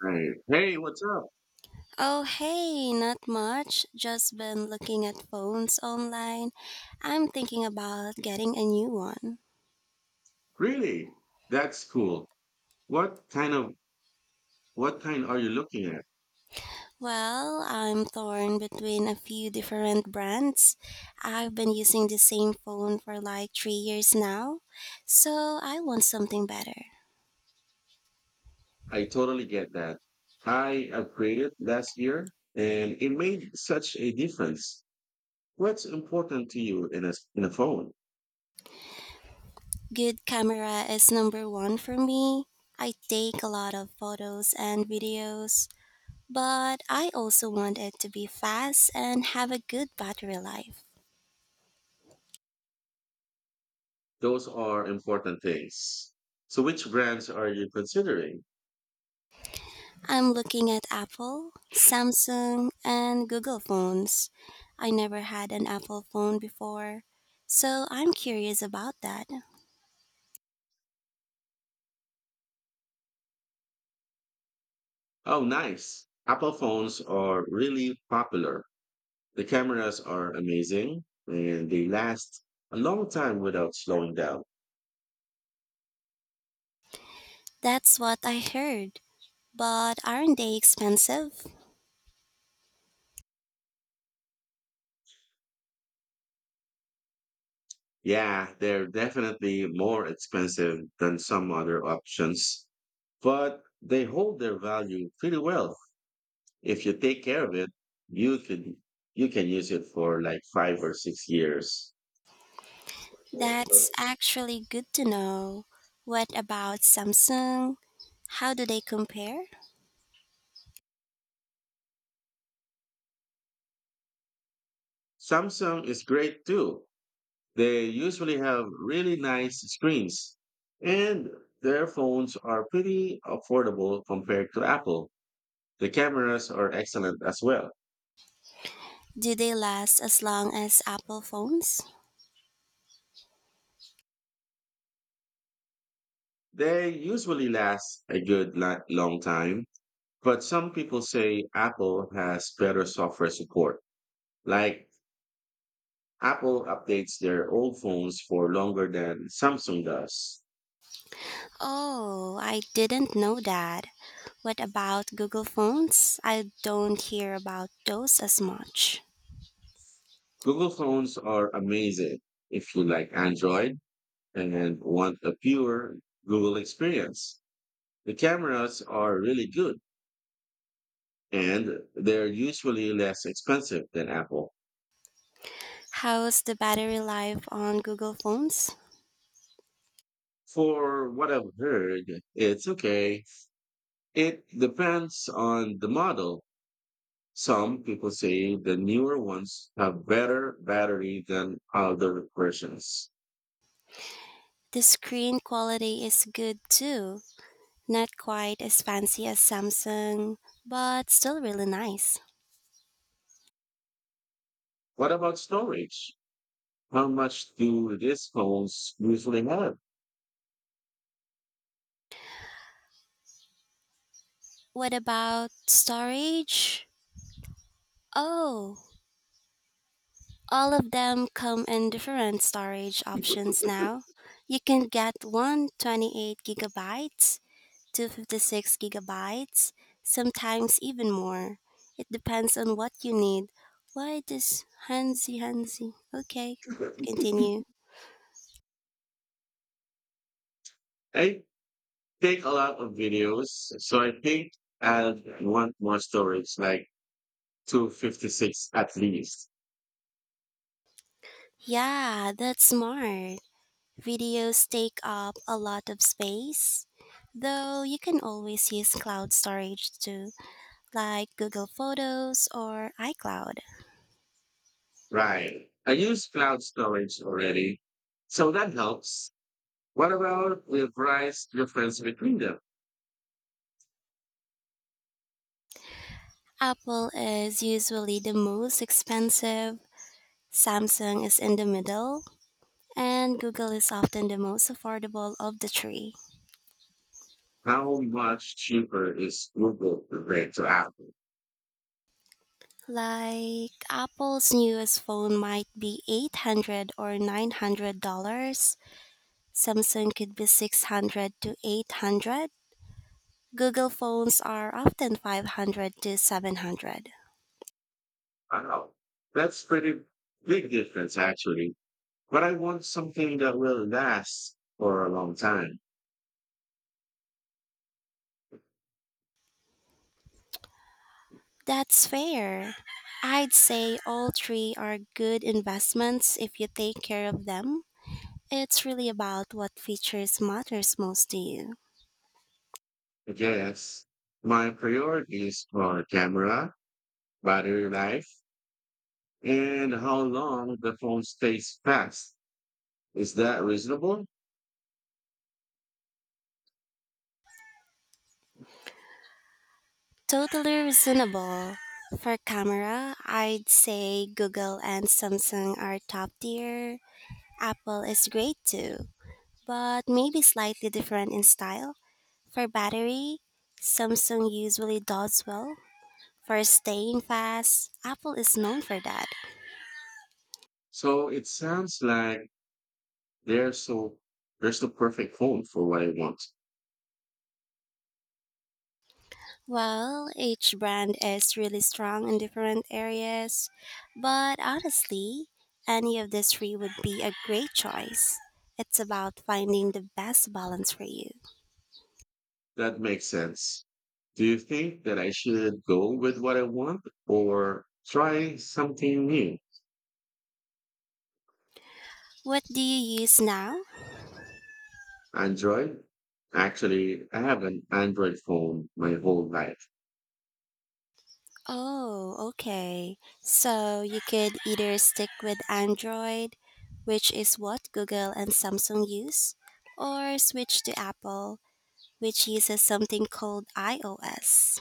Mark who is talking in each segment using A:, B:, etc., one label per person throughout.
A: Right. Hey, what's up?
B: Oh, hey, not much. Just been looking at phones online. I'm thinking about getting a new one.
A: Really? That's cool. What kind of what kind are you looking at?
B: Well, I'm torn between a few different brands. I've been using the same phone for like 3 years now, so I want something better.
A: I totally get that. I upgraded last year and it made such a difference. What's important to you in a phone?
B: Good camera is number one for me. I take a lot of photos and videos, but I also want it to be fast and have a good battery life.
A: Those are important things. So which brands are you considering?
B: I'm looking at Apple, Samsung, and Google phones. I never had an Apple phone before, so I'm curious about that.
A: Oh, nice. Apple phones are really popular. The cameras are amazing and they last a long time without slowing down.
B: That's what I heard. But aren't they expensive?
A: Yeah, they're definitely more expensive than some other options, but they hold their value pretty well. If you take care of it, you can you can use it for like 5 or 6 years.
B: That's actually good to know. What about Samsung? How do they compare?
A: Samsung is great too. They usually have really nice screens, and their phones are pretty affordable compared to Apple. The cameras are excellent as well.
B: Do they last as long as Apple phones?
A: They usually last a long time. But some people say Apple has better software support. Like Apple updates their old phones for longer than Samsung does.
B: Oh, I didn't know that. What about Google phones? I don't hear about those as much.
A: Google phones are amazing if you like Android and want a pure Google experience. The cameras are really good and they're usually less expensive than Apple.
B: How's the battery life on Google phones?
A: For what I've heard, it's okay. It depends on the model. Some people say the newer ones have better battery than other versions.
B: The screen quality is good too. Not quite as fancy as Samsung, but still really nice.
A: What about storage? How much do these phones usually have?
B: What about storage? Oh, all of them come in different storage options now. You can get 128 GB, 256 gigabytes, sometimes even more. It depends on what you need. Why this Hansi Hansi? Okay, continue.
A: I take a lot of videos, so I think I'll want more storage, like 256 at least.
B: Yeah, that's smart. Videos take up a lot of space, though you can always use cloud storage too, like Google Photos or iCloud.
A: Right. I use cloud storage already, so that helps. What about the price difference between them?
B: Apple is usually the most expensive, Samsung is in the middle, and Google is often the most affordable of the three.
A: How much cheaper is Google compared to Apple?
B: Like Apple's newest phone might be 800 or $900. Samsung could be 600 to 800. Google phones are often 500 to 700.
A: Wow, that's pretty big difference actually. But I want something that will last for a long time.
B: That's fair. I'd say all three are good investments if you take care of them. It's really about what features matters most to you.
A: I guess my priorities are camera, battery life, and how long the phone stays fast. Is that reasonable?
B: Totally reasonable. For camera, I'd say Google and Samsung are top tier. Apple is great too, but maybe slightly different in style. For battery, Samsung usually does well. For staying fast, Apple is known for that.
A: So it sounds like they're so there's the perfect phone for what I want.
B: Well, each brand is really strong in different areas, but honestly, any of the three would be a great choice. It's about finding the best balance for you.
A: That makes sense. Do you think that I should go with what I want or try something new?
B: What do you use now?
A: Android? Actually, I have an Android phone my whole life.
B: Oh, okay. So you could either stick with Android, which is what Google and Samsung use, or switch to Apple, which uses something called iOS.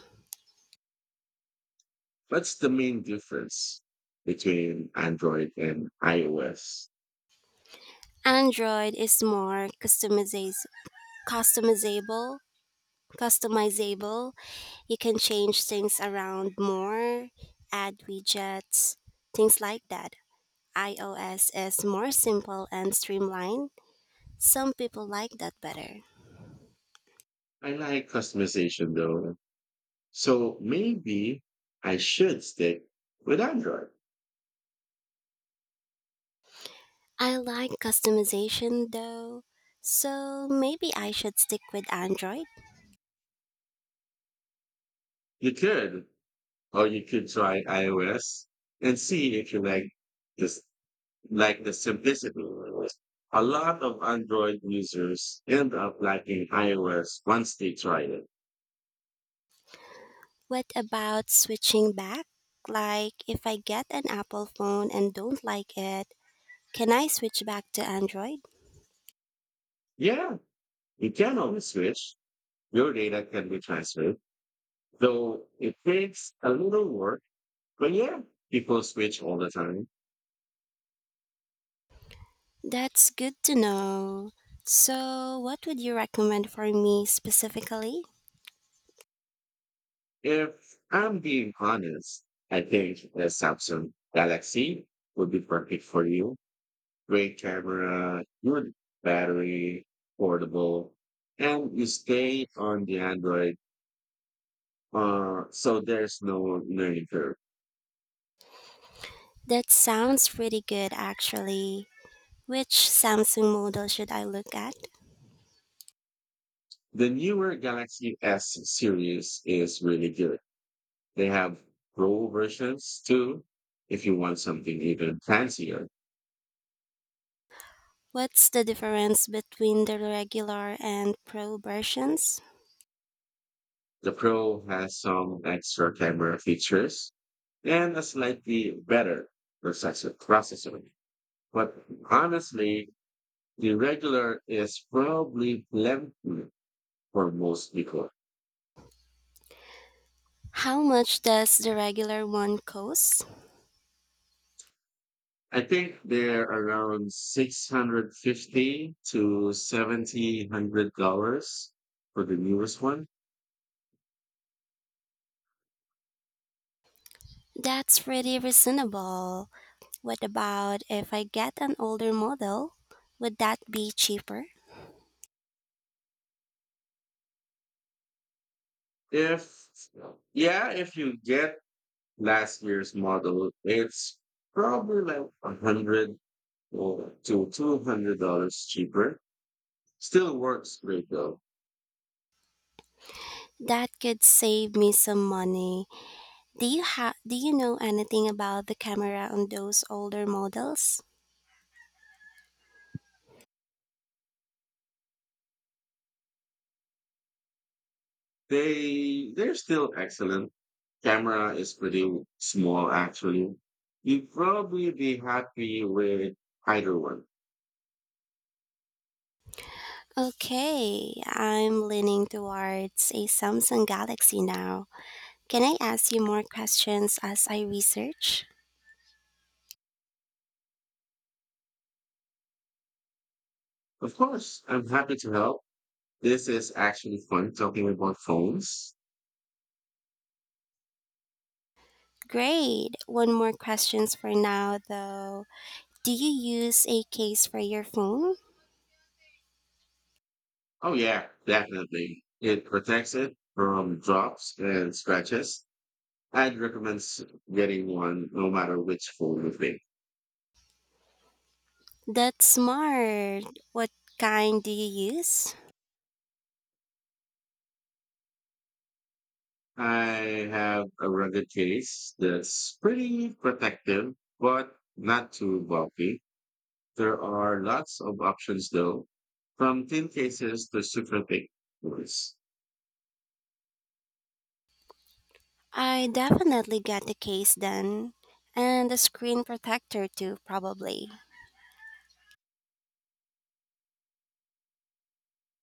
A: What's the main difference between Android and iOS?
B: Android is more customizable, customizable. You can change things around more, add widgets, things like that. iOS is more simple and streamlined. Some people like that better.
A: I like customization though. So maybe I should stick with Android.
B: I like customization though, so maybe I should stick with Android.
A: You could, or you could try iOS and see if you like this, like the simplicity. A lot of Android users end up liking iOS once they try it.
B: What about switching back? Like, if I get an Apple phone and don't like it, can I switch back to Android?
A: Yeah, you can always switch. Your data can be transferred, though it takes a little work. But yeah, people switch all the time.
B: That's good to know. So, what would you recommend for me specifically?
A: If I'm being honest, I think the Samsung Galaxy would be perfect for you. Great camera, good battery, portable, and you stay on the Android. So there's no learning curve.
B: That sounds pretty good actually. Which Samsung model should I look at?
A: The newer Galaxy S series is really good. They have Pro versions too, if you want something even fancier.
B: What's the difference between the regular and pro versions?
A: The Pro has some extra camera features and a slightly better processor. But honestly, the regular is probably plenty for most people.
B: How much does the regular one cost?
A: I think they're around six hundred fifty to seventy hundred dollars for the newest one.
B: That's pretty reasonable. What about if I get an older model? Would that be cheaper?
A: If yeah, if you get last year's model, it's probably like a hundred or to $200 cheaper. Still works great though.
B: That could save me some money. Do you know anything about the camera on those older models?
A: They're still excellent. Camera is pretty small actually. You'd probably be happy with either one.
B: Okay, I'm leaning towards a Samsung Galaxy now. Can I ask you more questions as I research?
A: Of course, I'm happy to help. This is actually fun talking about phones.
B: Great. One more questions for now though. Do you use a case for your phone?
A: Oh yeah, definitely. It protects it from drops and scratches. I'd recommend s- Getting one no matter which phone you pick.
B: That's smart. What kind do you use?
A: I have a rugged case that's pretty protective, but not too bulky. There are lots of options though, from thin cases to super thick ones.
B: I definitely get the case then. And the screen protector too, probably.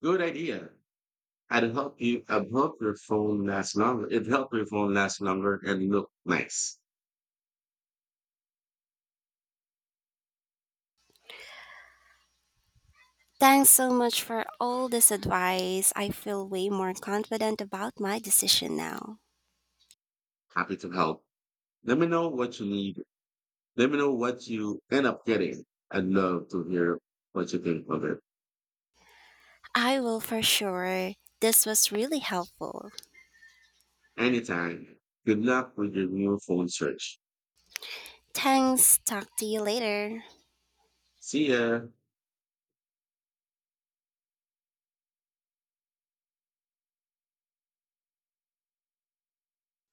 A: Good idea. I'd help your phone last longer. It'd help your phone last longer and look nice.
B: Thanks so much for all this advice. I feel way more confident about my decision now.
A: Happy to help. Let me know what you need. Let me know what you end up getting. I'd love to hear what you think of it.
B: I will for sure. This was really helpful.
A: Anytime. Good luck with your new phone search.
B: Thanks. Talk to you later.
A: See ya.